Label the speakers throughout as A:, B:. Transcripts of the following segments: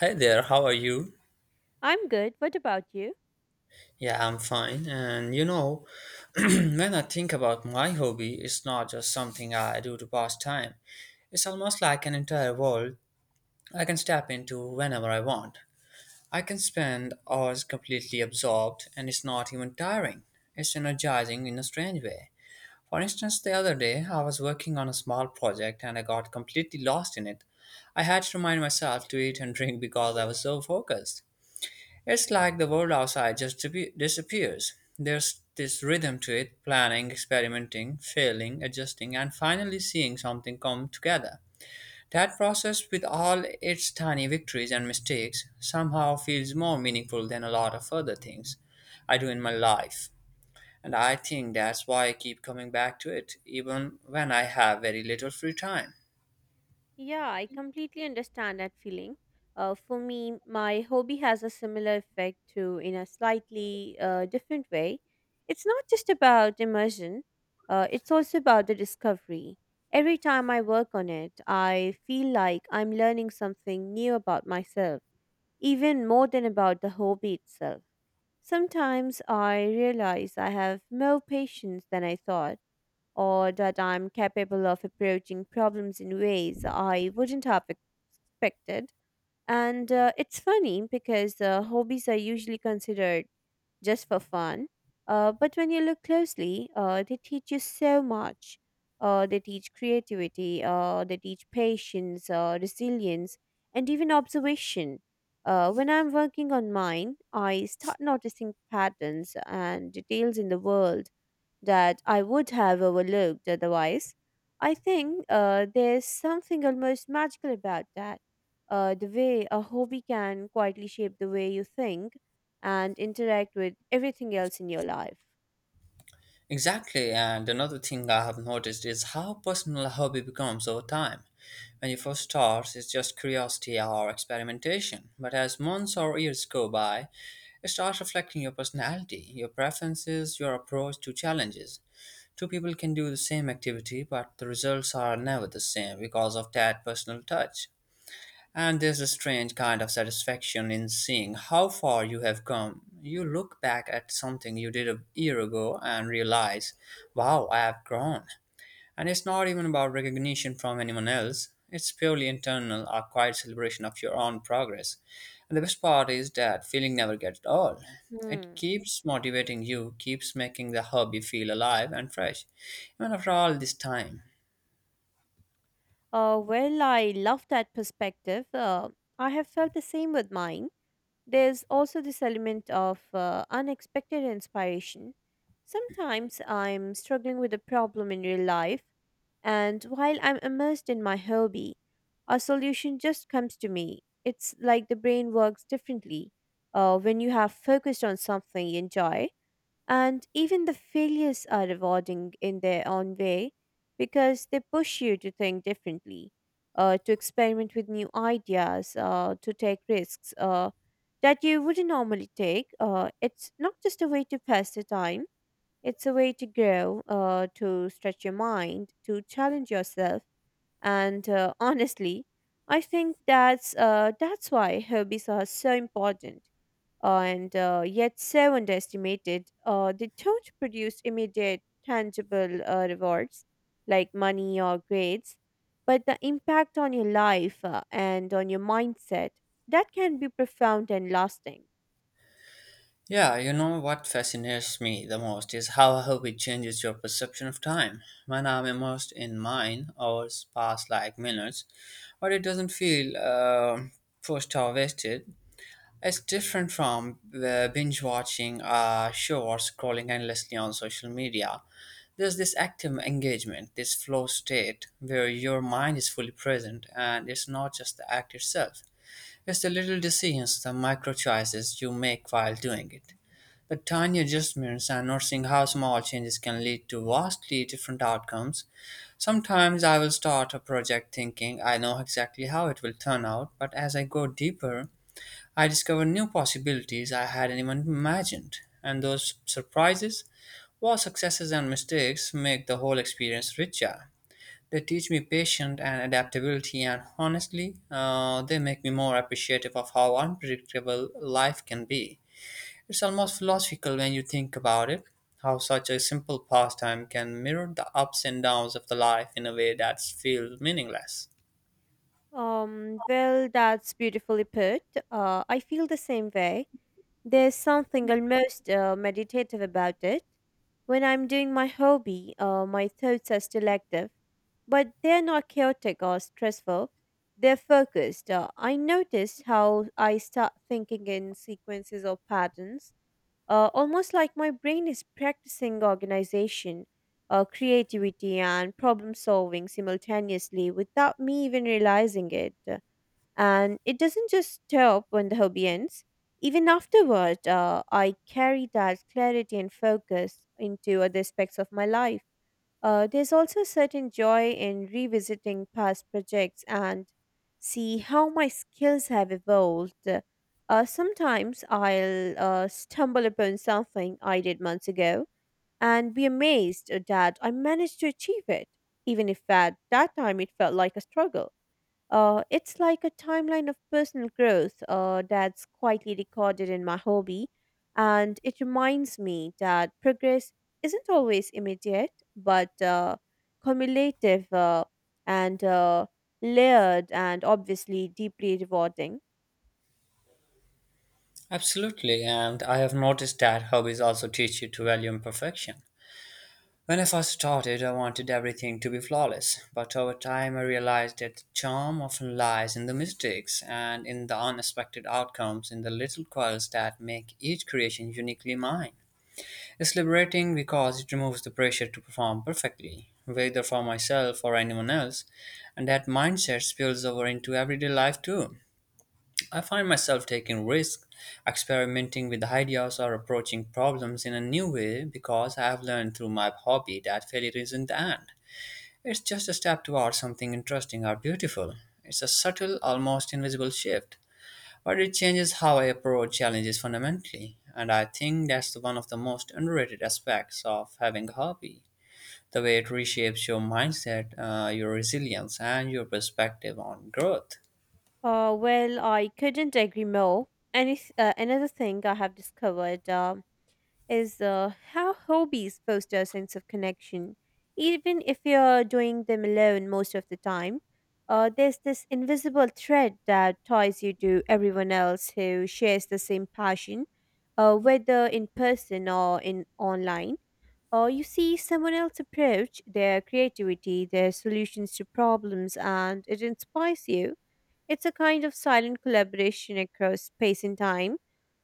A: Hi there, how are you?
B: I'm good. What about you?
A: Yeah, I'm fine. And you know, when I think about my hobby, it's not just something I do to pass time. It's almost like an entire world I can step into whenever I want. I can spend hours completely absorbed, and it's not even tiring. It's energizing in a strange way. For instance, the other day I was working on a small project and I got completely lost in it. I had to remind myself to eat and drink because I was so focused. It's like the world outside just disappears. There's this rhythm to it planning, experimenting, failing, adjusting, and finally seeing something come together. That process, with all its tiny victories and mistakes, somehow feels more meaningful than a lot of other things I do in my life. And I think that's why I keep coming back to it, even when I have very little free time.
B: Yeah, I completely understand that feeling. For me, my hobby has a similar effect too, in a slightly different way. It's not just about immersion, it's also about the discovery. Every time I work on it, I feel like I'm learning something new about myself, even more than about the hobby itself. Sometimes I realize I have more patience than I thought, or that I'm capable of approaching problems in ways I wouldn't have expected. And it's funny because hobbies are usually considered just for fun. But when you look closely, they teach you so much. They teach creativity, they teach patience, resilience, and even observation. When I'm working on mine, I start noticing patterns and details in the world that I would have overlooked otherwise. I think there's something almost magical about that. The way a hobby can quietly shape the way you think and interact with everything else in your life.
A: Exactly, and another thing I have noticed is how personal a hobby becomes over time. When you first start, it's just curiosity or experimentation, but as months or years go by, it starts reflecting your personality, your preferences, your approach to challenges. Two people can do the same activity, but the results are never the same because of that personal touch. And there's a strange kind of satisfaction in seeing how far you have come. You look back at something you did a year ago and realize, wow, I have grown. And it's not even about recognition from anyone else, it's purely internal, a quiet celebration of your own progress. And the best part is that feeling never gets old. It
B: Hmm.
A: keeps motivating you, keeps making the hobby feel alive and fresh, even after all this time.
B: Well, I love that perspective. I have felt the same with mine. There's also this element of unexpected inspiration. Sometimes I'm struggling with a problem in real life, and while I'm immersed in my hobby, a solution just comes to me. It's like the brain works differently when you have focused on something you enjoy. And even the failures are rewarding in their own way, because they push you to think differently, to experiment with new ideas, to take risks that you wouldn't normally take. It's not just a way to pass the time, it's a way to grow, to stretch your mind, to challenge yourself. And honestly, I think that's why hobbies are so important, and yet so underestimated. They don't produce immediate, tangible rewards like money or grades, but the impact on your life and on your mindset, that can be profound and lasting.
A: Yeah, you know what fascinates me the most is how a hobby changes your perception of time. When I'm immersed in mine, hours pass like minutes, but it doesn't feel pushed or wasted. It's different from binge watching a show or scrolling endlessly on social media. There's this active engagement, this flow state where your mind is fully present and it's not just the act itself. It's the little decisions, the micro choices you make while doing it. But tiny adjustments and noticing how small changes can lead to vastly different outcomes. Sometimes I will start a project thinking I know exactly how it will turn out, but as I go deeper, I discover new possibilities I hadn't even imagined. And those surprises, while successes and mistakes, make the whole experience richer. They teach me patience and adaptability, and honestly, they make me more appreciative of how unpredictable life can be. It's almost philosophical when you think about it how such a simple pastime can mirror the ups and downs of the life in a way that feels meaningless.
B: Well, that's beautifully put. I feel the same way. There's something almost meditative about it. When I'm doing my hobby, my thoughts are still active, but they're not chaotic or stressful. They're focused. I noticed how I start thinking in sequences or patterns, almost like my brain is practicing organization, creativity, and problem solving simultaneously without me even realizing it. And it doesn't just stop when the hobby ends. Even afterward, I carry that clarity and focus into other aspects of my life. There's also a certain joy in revisiting past projects and see how my skills have evolved. Sometimes I'll stumble upon something I did months ago and be amazed that I managed to achieve it, even if at that time it felt like a struggle. It's like a timeline of personal growth, that's quietly recorded in my hobby. And it reminds me that progress isn't always immediate, but cumulative, and layered, and obviously deeply rewarding.
A: Absolutely, and I have noticed that hobbies also teach you to value imperfection. When I first started, I wanted everything to be flawless, but over time I realized that the charm often lies in the mistakes and in the unexpected outcomes, in the little quirks that make each creation uniquely mine. It's liberating because it removes the pressure to perform perfectly, whether for myself or anyone else, and that mindset spills over into everyday life too. I find myself taking risks, experimenting with ideas, or approaching problems in a new way because I have learned through my hobby that failure isn't the end. It's just a step towards something interesting or beautiful. It's a subtle, almost invisible shift but it changes how I approach challenges fundamentally. And I think one of the most underrated aspects of having a hobby the way it reshapes your mindset, your resilience, and your perspective on growth.
B: Well, I couldn't agree more. Another thing I have discovered is how hobbies foster a sense of connection. Even if you're doing them alone most of the time, there's this invisible thread that ties you to everyone else who shares the same passion, whether in person or in online. Or you see someone else approach their creativity, their solutions to problems, and it inspires you. It's a kind of silent collaboration across space and time,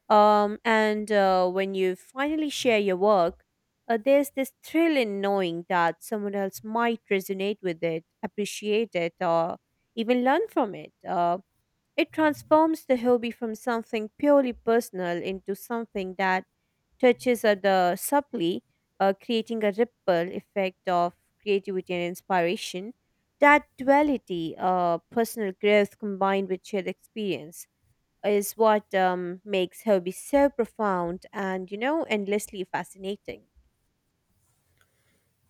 B: and when you finally share your work, there's this thrill in knowing that someone else might resonate with it, appreciate it, or even learn from it. It transforms the hobby from something purely personal into something that touches at the subtly, creating a ripple effect of creativity and inspiration. That duality, personal growth combined with shared experience, is what makes hobbies so profound and endlessly fascinating.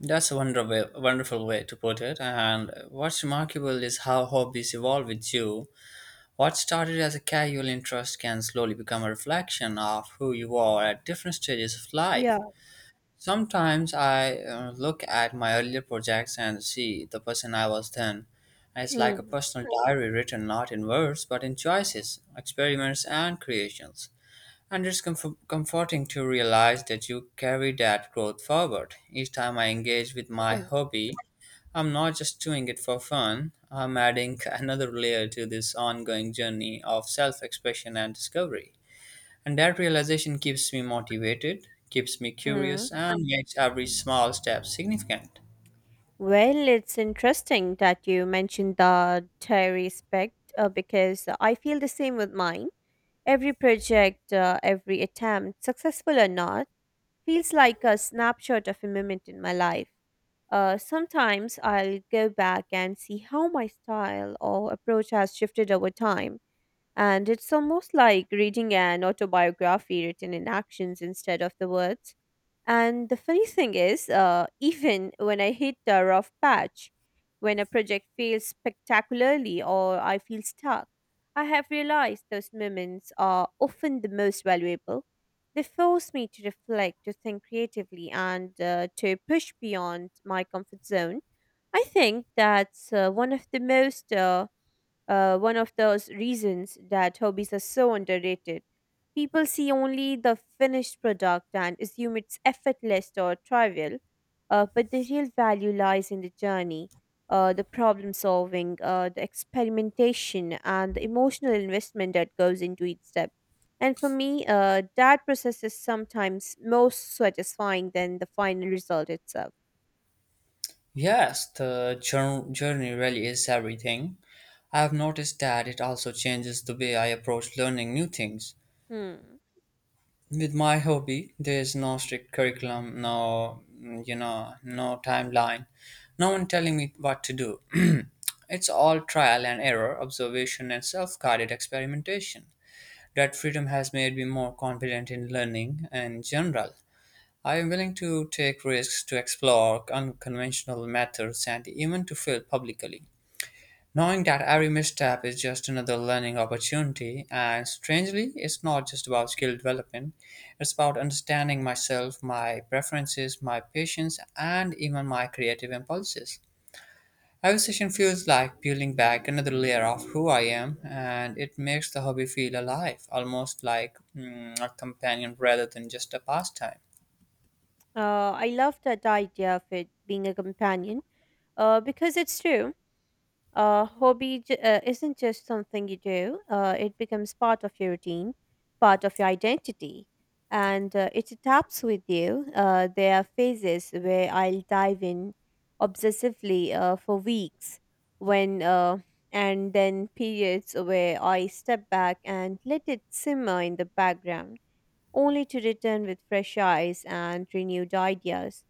A: That's a wonderful, wonderful way to put it. And what's remarkable is how hobbies evolve with you. What started as a casual interest can slowly become a reflection of who you are at different stages of
B: Yeah.
A: life. Sometimes I look at my earlier projects and see the person I was then. It's like a
B: Hmm.
A: personal diary written not in words but in choices, experiments, and creations. And it's comforting to realize that you carry that growth forward. Each time I engage with my
B: Hmm.
A: hobby, I'm not just doing it for fun, I'm adding another layer to this ongoing journey of self expression and discovery. And that realization keeps me motivated, keeps me
B: Hmm.
A: curious, and makes every small step significant.
B: Well, it's interesting that you mentioned the dairy aspect, because I feel the same with mine. Every project, every attempt, successful or not, feels like a snapshot of a moment in my life. Sometimes I'll go back and see how my style or approach has shifted over time. And it's almost like reading an autobiography written in actions instead of the words. And the funny thing is, even when I hit a rough patch, when a project fails spectacularly or I feel stuck, I have realized those moments are often the most valuable. They force me to reflect, to think creatively, and to push beyond my comfort zone. I think that's one of those reasons that hobbies are so underrated. People see only the finished product and assume it's effortless or trivial, but the real value lies in the journey, the problem solving, the experimentation, and the emotional investment that goes into each step. And for me, that process is sometimes most satisfying than the final result itself.
A: Yes, the journey really is everything. I have noticed that it also changes the way I approach learning new things.
B: Hmm.
A: With my hobby, there is no strict curriculum, you know, no timeline, no one telling me what to do. It's all trial and error, observation and self-guided experimentation. That freedom has made me more confident in learning in general. I am willing to take risks, to explore unconventional methods, and even to fail publicly. Knowing that every misstep is just another learning opportunity, and strangely, it's not just about skill development, it's about understanding myself, my preferences, my patience, and even my creative impulses. Every session feels like peeling back another layer of who I am, and it makes the hobby feel alive, almost like a companion rather than just a pastime.
B: I love that idea of it being a companion, because it's true. Hobby isn't just something you do, it becomes part of your routine, part of your identity. And it adapts with you. There are phases where I'll dive in obsessively for weeks, when and then periods where I step back and let it simmer in the background, only to return with fresh eyes and renewed ideas.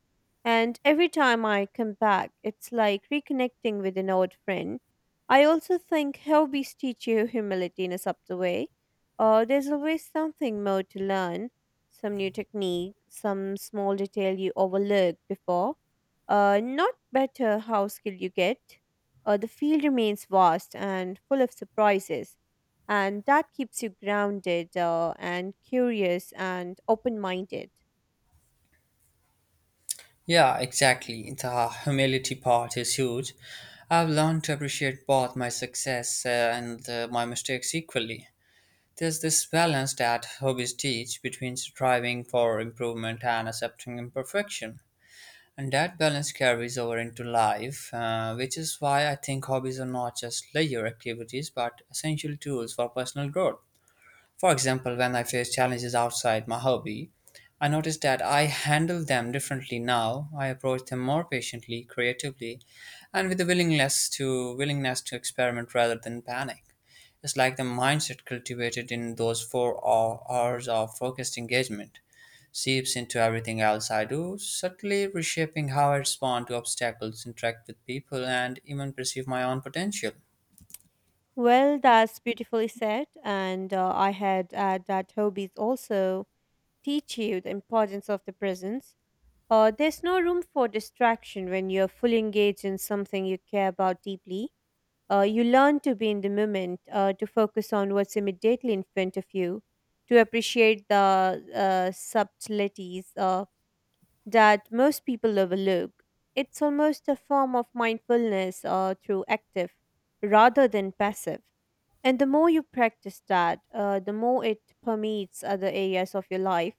B: And every time I come back, it's like reconnecting with an old friend. I also think hobbies teach you humility in a subtle way. There's always something more to learn, some new technique, some small detail you overlooked before. Not better how skilled you get. The field remains vast and full of surprises, and that keeps you grounded, and curious and open minded.
A: Yeah, exactly. The humility part is huge. I've learned to appreciate both my success and my mistakes equally. There's this balance that hobbies teach between striving for improvement and accepting imperfection. And that balance carries over into life, which is why I think hobbies are not just leisure activities but essential tools for personal growth. For example, when I face challenges outside my hobby, I notice that I handle them differently now. I approach them more patiently, creatively, and with a willingness to experiment rather than panic. It's like the mindset cultivated in those hours of focused engagement seeps into everything else I do, subtly reshaping how I respond to obstacles, interact with people, and even perceive my own potential.
B: Well, that's beautifully said. And I had add that hobbies also teach you the importance of the presence. There's no room for distraction when you're fully engaged in something you care about deeply. You learn to be in the moment, to focus on what's immediately in front of you, to appreciate the subtleties, that most people overlook. It's almost a form of mindfulness, through active rather than passive. And the more you practice that, the more it permeates other areas of your life.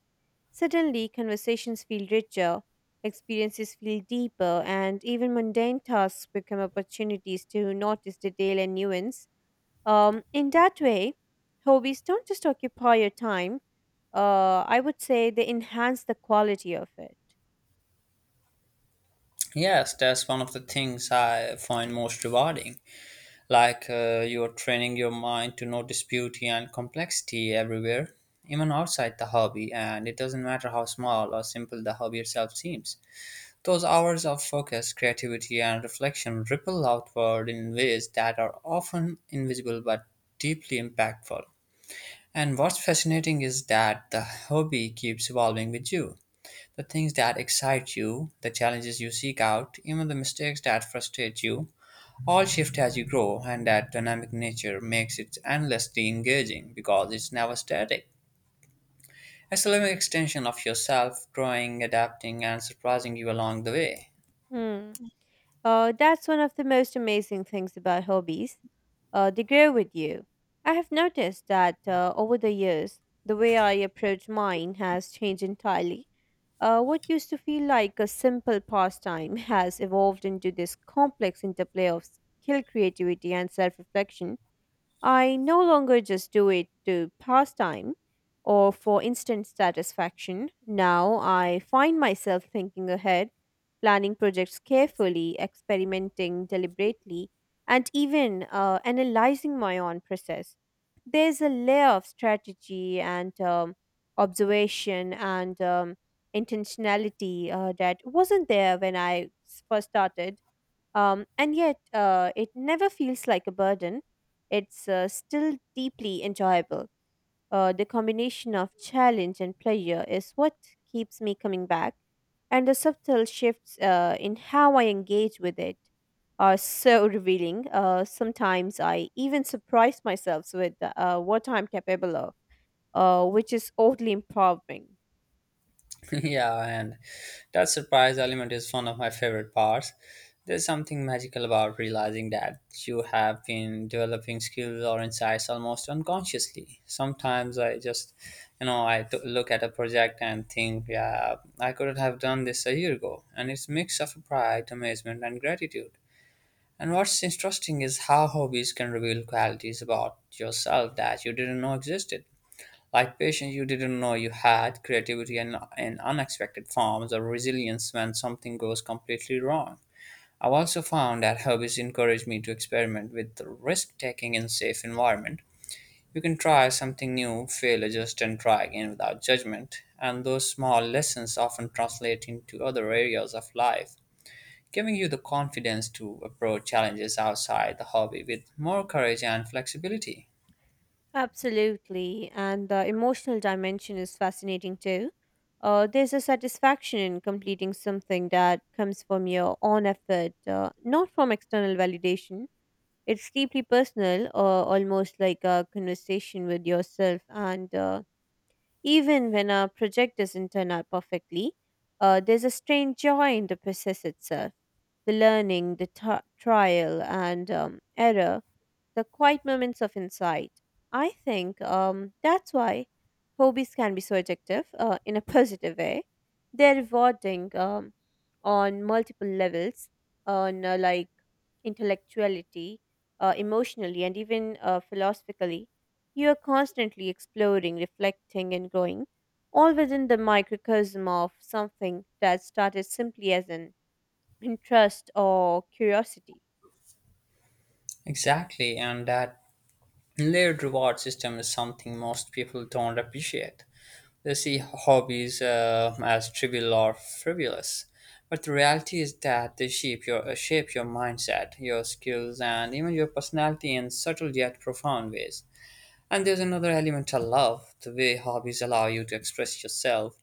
B: Suddenly, conversations feel richer, experiences feel deeper, and even mundane tasks become opportunities to notice detail and nuance. In that way, hobbies don't just occupy your time, I would say they enhance the quality of it.
A: Yes, that's one of the things I find most rewarding. Like you're training your mind to notice beauty and complexity everywhere, even outside the hobby, and it doesn't matter how small or simple the hobby itself seems. Those hours of focus, creativity, and reflection ripple outward in ways that are often invisible but deeply impactful. And what's fascinating is that the hobby keeps evolving with you. The things that excite you, the challenges you seek out, even the mistakes that frustrate you, all shift as you grow, and that dynamic nature makes it endlessly engaging because it's never static. It's a living extension of yourself, growing, adapting, and surprising you along the way.
B: Hmm. That's one of the most amazing things about hobbies. They grow with you. I have noticed that over the years, the way I approach mine has changed entirely. What used to feel like a simple pastime has evolved into this complex interplay of skill, creativity, and self reflection. I no longer just do it to pass time or for instant satisfaction. Now I find myself thinking ahead, planning projects carefully, experimenting deliberately, and even analyzing my own process. There's a layer of strategy, and observation, and intentionality, that wasn't there when first started, and yet, it never feels like a burden. It's still deeply enjoyable. The combination of challenge and pleasure is what keeps me coming back, and the subtle shifts in how I engage with it are so revealing. Sometimes I even surprise myself with what I'm capable of, which is oddly empowering.
A: Yeah, and that surprise element is one of my favorite parts. There's something magical about realizing that you have been developing skills or insights almost unconsciously. Sometimes I just look at a project and think, yeah, I couldn't have done this a year ago. And it's mix of pride, amazement, and gratitude. And what's interesting is how hobbies can reveal qualities about yourself that you didn't know existed like patience you didn't know you had, creativity and unexpected forms, of resilience when something goes completely wrong. I've also found that hobbies encourage me to experiment with risk taking in safe environment. You can try something new, fail, adjust, and try again without judgment. And those small lessons often translate into other areas of life, giving you the confidence to approach challenges outside the hobby with more courage and flexibility.
B: Absolutely, and the emotional dimension is fascinating too. There's a satisfaction in completing something that comes from your own effort, not from external validation. It's deeply personal, almost like a conversation with yourself. And even when a project doesn't turn out perfectly, there's a strange joy in the process itself: the learning, the trial, and error, the quiet moments of insight. I think that's why hobbies can be so addictive, in a positive way. They're rewarding on multiple levels, on like intellectuality, emotionally, and even philosophically. You are constantly exploring, reflecting, and growing, all within the microcosm of something that started simply as an interest or curiosity.
A: Exactly, and that layered reward system is something most people don't appreciate. They see hobbies as trivial or frivolous, but the reality is that they shape your mindset, your skills, and even your personality in subtle yet profound ways. And there's another element I love: the way hobbies allow you to express yourself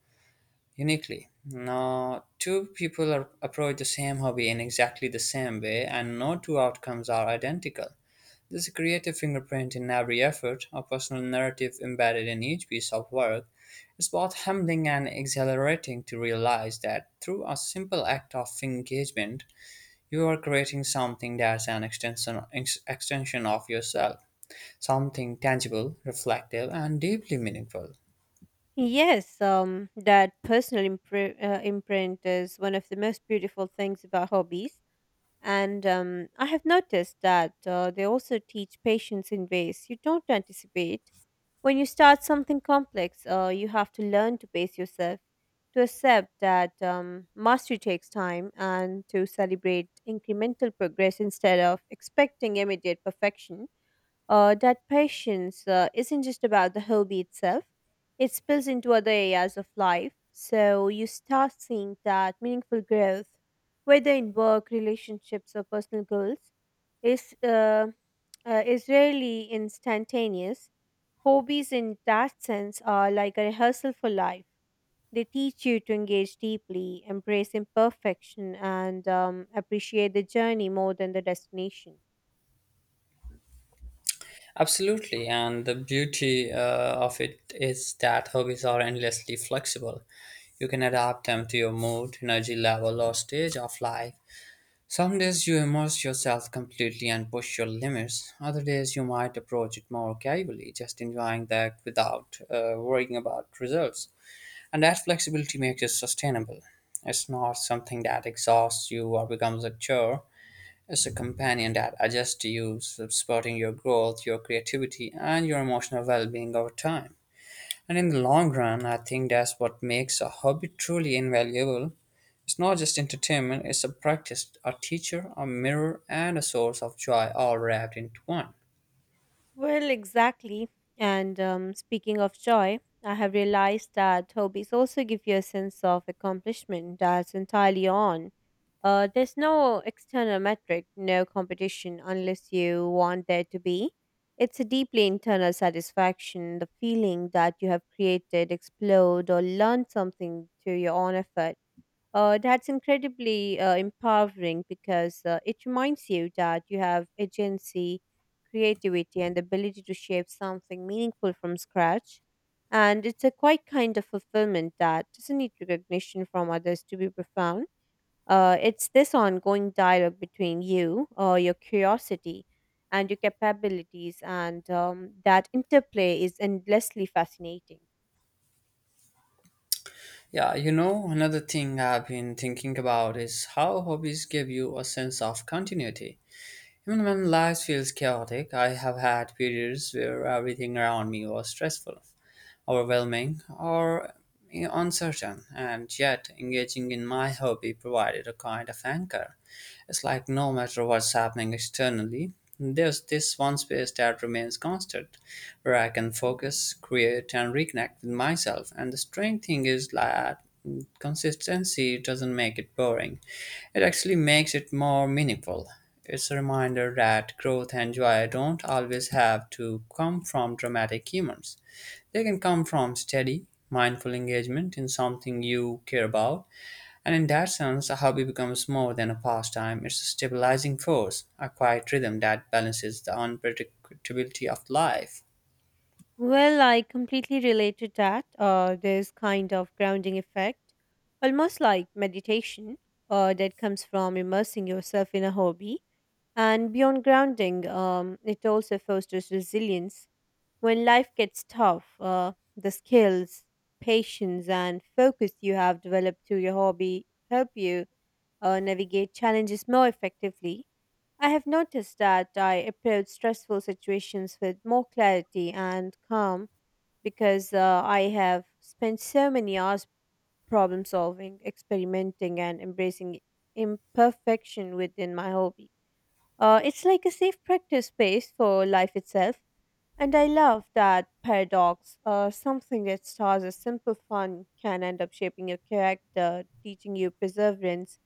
A: uniquely. Now, two people are, approach the same hobby in exactly the same way, and no two outcomes are identical there's a creative fingerprint in every effort, a personal narrative embedded in each piece of work. It's both humbling and exhilarating to realize that through a simple act of engagement, you are creating something that's an extension of yourself, something tangible, reflective, and deeply meaningful.
B: Yes, that personal imprint is one of the most beautiful things about hobbies. And I have noticed that they also teach patience in ways you don't anticipate. When you start something complex, you have to learn to pace yourself, to accept that mastery takes time, and to celebrate incremental progress instead of expecting immediate perfection. That patience isn't just about the hobby itself, it spills into other areas of life. So you start seeing that meaningful growth, whether in work, relationships, or personal goals, is, uh, is rarely instantaneous. Hobbies, in that sense, are like a rehearsal for life. They teach you to engage deeply, embrace imperfection, and appreciate the journey more than the destination.
A: Absolutely, and the beauty of it is that hobbies are endlessly flexible. You can adapt them to your mood, energy level, or stage of life. Some days you immerse yourself completely and push your limits. Other days you might approach it more casually, just enjoying the act without worrying about results. And that flexibility makes it sustainable. It's not something that exhausts you or becomes a chore. It's a companion that adjusts to you, supporting your growth, your creativity, and your emotional well being over time. And in the long run, I think that's what makes a hobby truly invaluable. It's not just entertainment, it's a practice, a teacher, a mirror, and a source of joy all wrapped into one.
B: Well, exactly. And speaking of joy, I have realized that hobbies also give you a sense of accomplishment that's entirely on. There's no external metric, no competition unless you want there to be. It's a deeply internal satisfaction, the feeling that you have created, explored, or learned something through your own effort. That's incredibly empowering because it reminds you that you have agency, creativity, and the ability to shape something meaningful from scratch. And it's a quite kind of fulfillment that doesn't need recognition from others to be profound. It's this ongoing dialogue between you, your curiosity, and your capabilities, and that interplay is endlessly fascinating.
A: Yeah, you know, another thing I've been thinking about is how hobbies give you a sense of continuity. Even when life feels chaotic, I have had periods where everything around me was stressful, overwhelming, or uncertain, and yet engaging in my hobby provided a kind of anchor. It's like no matter what's happening externally, there's this one space that remains constant where I can focus, create, and reconnect with myself. And the strange thing is that consistency doesn't make it boring, it actually makes it more meaningful. It's a reminder that growth and joy don't always have to come from dramatic humors. They can come from steady, mindful engagement in something you care about, and in that sense, a hobby becomes more than a pastime. It's a stabilizing force, a quiet rhythm that balances the unpredictability of life.
B: Well, I completely relate to that. There's kind of grounding effect, almost like meditation, that comes from immersing yourself in a hobby. And beyond grounding, it also fosters resilience. When life gets tough, the skills, patience, and focus you have developed through your hobby help you navigate challenges more effectively. I have noticed that I approach stressful situations with more clarity and calm because I have spent so many hours problem solving, experimenting, and embracing imperfection within my hobby. It's like a safe practice space for life itself, and I love that paradox. Something that starts as simple fun can end up shaping your character, teaching you perseverance,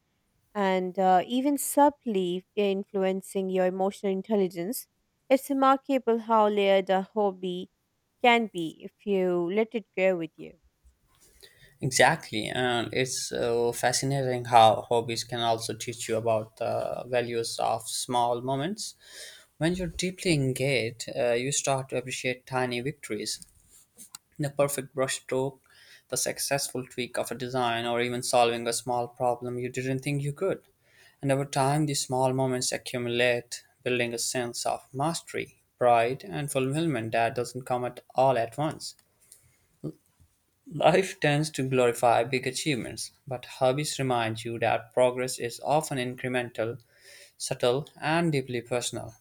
B: and even subtly influencing your emotional intelligence. It's remarkable how layered a hobby can be if you let it grow with you.
A: Exactly, and it's so fascinating how hobbies can also teach you about the values of small moments. When you're deeply engaged, you start to appreciate tiny victories, the perfect brushstroke, the successful tweak of a design, or even solving a small problem you didn't think you could. And over time, these small moments accumulate, building a sense of mastery, pride, and fulfillment that doesn't come at all at once. Life tends to glorify big achievements, but hobbies remind you that progress is often incremental, subtle, and deeply personal.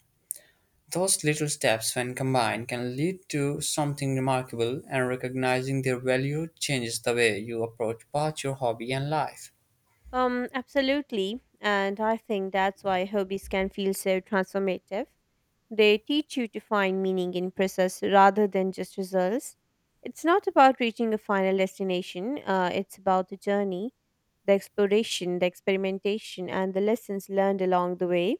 A: Those little steps, when combined, can lead to something remarkable, and recognizing their value changes the way you approach both your hobby and life.
B: Absolutely. And I think that's why hobbies can feel so transformative. They teach you to find meaning in process rather than just results. It's not about reaching a final destination, it's about the journey, the exploration, the experimentation, and the lessons learned along the way.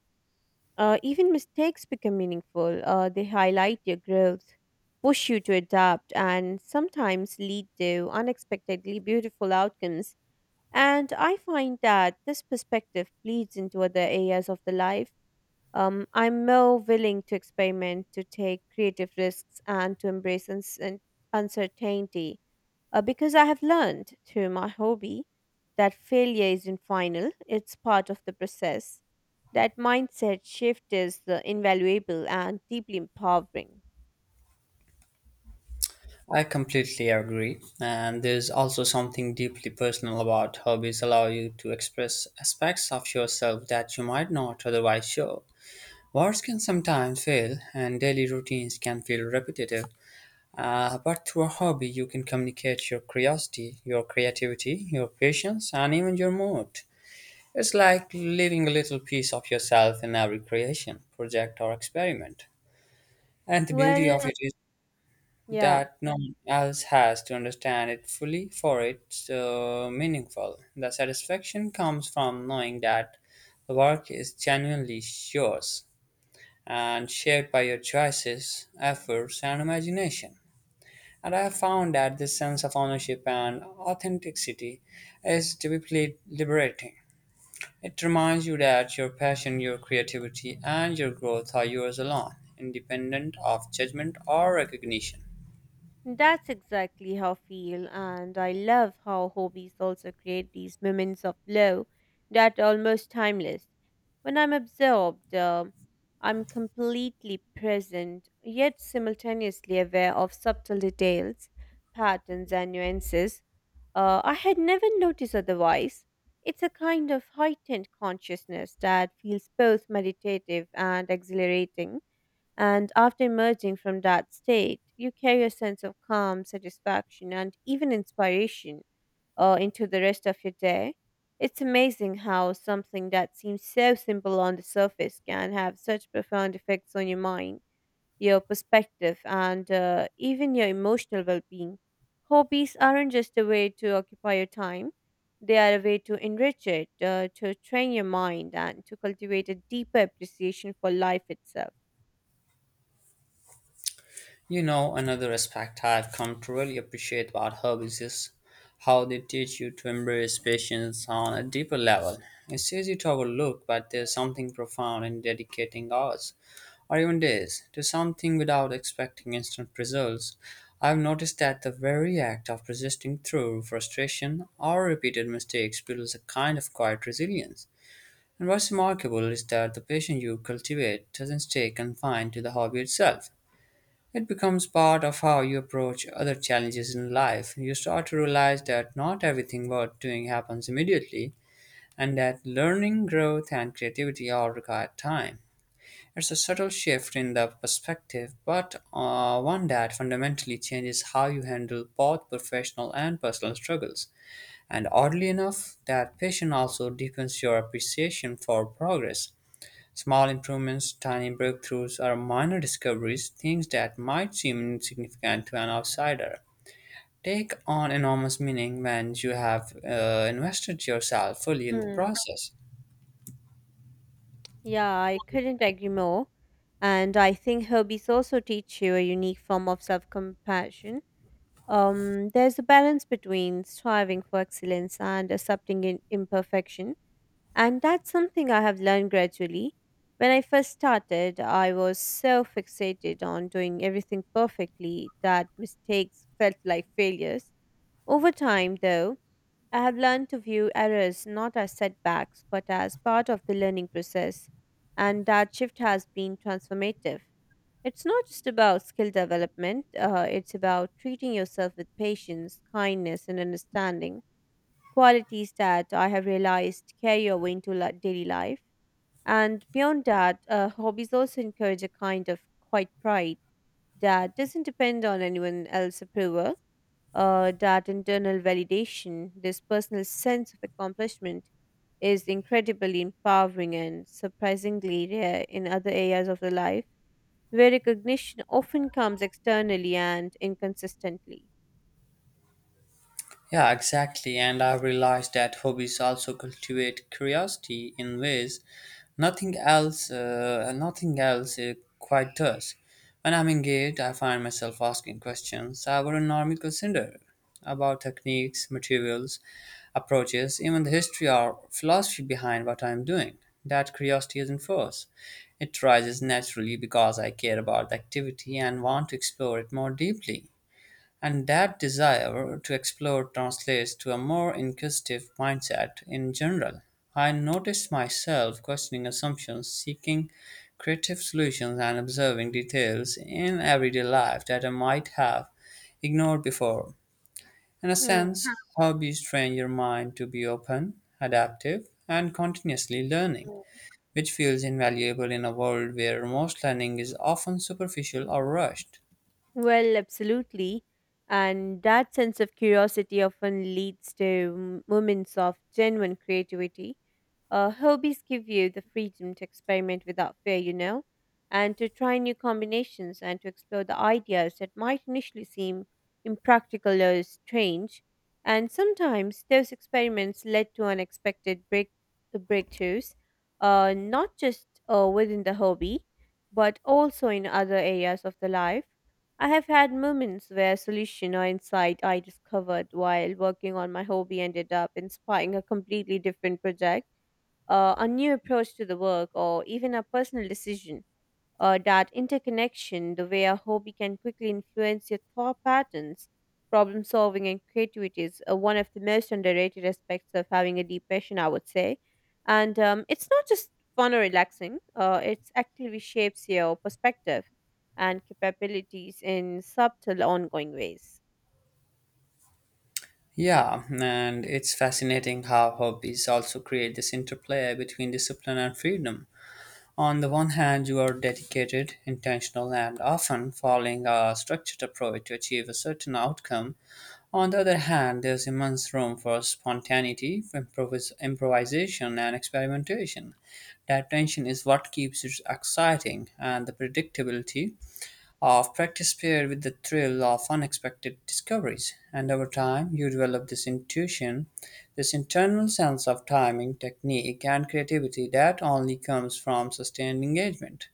B: Even mistakes become meaningful. They highlight your growth, push you to adapt, and sometimes lead to unexpectedly beautiful outcomes. And I find that this perspective bleeds into other areas of the life I'm more willing to experiment, to take creative risks, and to embrace uncertainty because I have learned through my hobby that failure isn't final, it's part of the process. That mindset shift is invaluable and deeply empowering.
A: I completely agree. And there's also something deeply personal about hobbies allow you to express aspects of yourself that you might not otherwise show. Words can sometimes fail and daily routines can feel repetitive. But through a hobby, you can communicate your curiosity, your creativity, your patience, and even your mood. It's like leaving a little piece of yourself in every creation, project, or experiment. And the beauty
B: Well,
A: of it is
B: yeah.
A: that no one else has to understand it fully for it meaningful. The satisfaction comes from knowing that the work is genuinely yours and shaped by your choices, efforts, and imagination. And I have found that this sense of ownership and authenticity is deeply liberating. It reminds you that your passion, your creativity, and your growth are yours alone, independent of judgment or recognition.
B: That's exactly how I feel, and I love how hobbies also create these moments of glow that are almost timeless. When I'm absorbed, I'm completely present, yet simultaneously aware of subtle details, patterns, and nuances I had never noticed otherwise. It's a kind of heightened consciousness that feels both meditative and exhilarating. And after emerging from that state, you carry a sense of calm, satisfaction, and even inspiration into the rest of your day. It's amazing how something that seems so simple on the surface can have such profound effects on your mind, your perspective, and even your emotional well being. Hobbies aren't just a way to occupy your time, they are a way to enrich it, to train your mind, and to cultivate a deeper appreciation for life itself.
A: You know, another aspect I've come to really appreciate about hobbies is how they teach you to embrace patience on a deeper level. It's easy to overlook, but there's something profound in dedicating hours or even days to something without expecting instant results. I've noticed that the very act of persisting through frustration or repeated mistakes builds a kind of quiet resilience. And what's remarkable is that the patience you cultivate doesn't stay confined to the hobby itself. It becomes part of how you approach other challenges in life. You start to realize that not everything worth doing happens immediately, and that learning, growth, and creativity all require time. It's a subtle shift in the perspective, but one that fundamentally changes how you handle both professional and personal struggles. And oddly enough, that passion also deepens your appreciation for progress. Small improvements, tiny breakthroughs, or minor discoveries, things that might seem insignificant to an outsider, take on enormous meaning when you have invested yourself fully in the
B: Hmm.
A: process.
B: Yeah, I couldn't agree more. And I think hobbies also teach you a unique form of self compassion. There's a balance between striving for excellence and accepting imperfection. And that's something I have learned gradually. When I first started, I was so fixated on doing everything perfectly that mistakes felt like failures. Over time, though, I have learned to view errors not as setbacks but as part of the learning process, and that shift has been transformative. It's not just about skill development, it's about treating yourself with patience, kindness, and understanding qualities that I have realized carry over into daily life. And beyond that, hobbies also encourage a kind of quiet pride that doesn't depend on anyone else's approval, that internal validation, this personal sense of accomplishment is incredibly empowering and surprisingly rare in other areas of the life where recognition often comes externally and inconsistently.
A: Yeah, exactly. And I've realized that hobbies also cultivate curiosity in ways nothing else quite does. When I'm engaged, I find myself asking questions I wouldn't normally consider about techniques, materials, approaches, even the history or philosophy behind what I'm doing. That curiosity isn't forced; it rises naturally because I care about the activity and want to explore it more deeply. And that desire to explore translates to a more inquisitive mindset in general. I noticed myself questioning assumptions, seeking creative solutions, and observing details in everyday life that I might have ignored before. In a
B: Hmm.
A: sense, hobbies train your mind to be open, adaptive, and continuously learning, which feels invaluable in a world where most learning is often superficial or rushed.
B: Well, absolutely. And that sense of curiosity often leads to moments of genuine creativity. Hobbies give you the freedom to experiment without fear, you know, and to try new combinations and to explore the ideas that might initially seem impractical or strange. And sometimes those experiments led to unexpected breakthroughs, not just within the hobby, but also in other areas of the life. I have had moments where solution or insight I discovered while working on my hobby ended up inspiring a completely different project, a new approach to the work, or even a personal decision that interconnection, the way a hobby can quickly influence your thought patterns, problem solving, and creativity is one of the most underrated aspects of having a deep passion, I would say. And it's not just fun or relaxing, it actively shapes your perspective and capabilities in subtle, ongoing ways.
A: Yeah, and it's fascinating how hobbies also create this interplay between discipline and freedom. On the one hand, you are dedicated, intentional, and often following a structured approach to achieve a certain outcome. On the other hand, there's immense room for spontaneity, improvisation, and experimentation. That tension is what keeps it exciting, and the predictability of practice paired with the thrill of unexpected discoveries. And over time, you develop this intuition, this internal sense of timing, technique, and creativity that only comes from sustained engagement.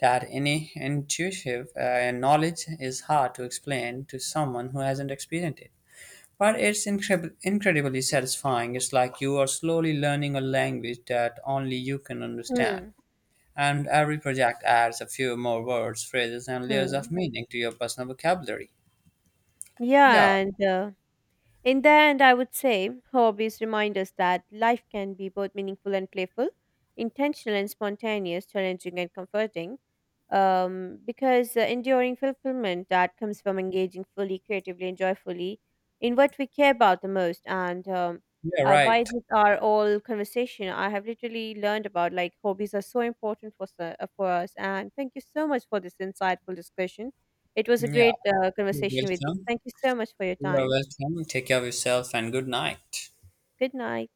A: That any intuitive knowledge is hard to explain to someone who hasn't experienced it. But it's incredibly satisfying. It's like you are slowly learning a language that only you can understand.
B: Hmm.
A: And every project adds a few more words, phrases, and layers
B: Hmm.
A: of meaning to your personal vocabulary. Yeah,
B: Yeah, and In the end, I would say hobbies remind us that life can be both meaningful and playful, intentional and spontaneous, challenging and comforting. Because the enduring fulfillment that comes from engaging fully, creatively, and joyfully in what we care about the most. And
A: you're
B: by
A: right.
B: this, our all conversation, I have literally learned about like hobbies are so important for, for us. And thank you so much for this insightful discussion. It was a
A: Yeah,
B: great
A: you're
B: conversation with you.
A: welcome.
B: Thank you so much for your
A: You are
B: time.
A: welcome. Take care of yourself and good night.
B: Good night.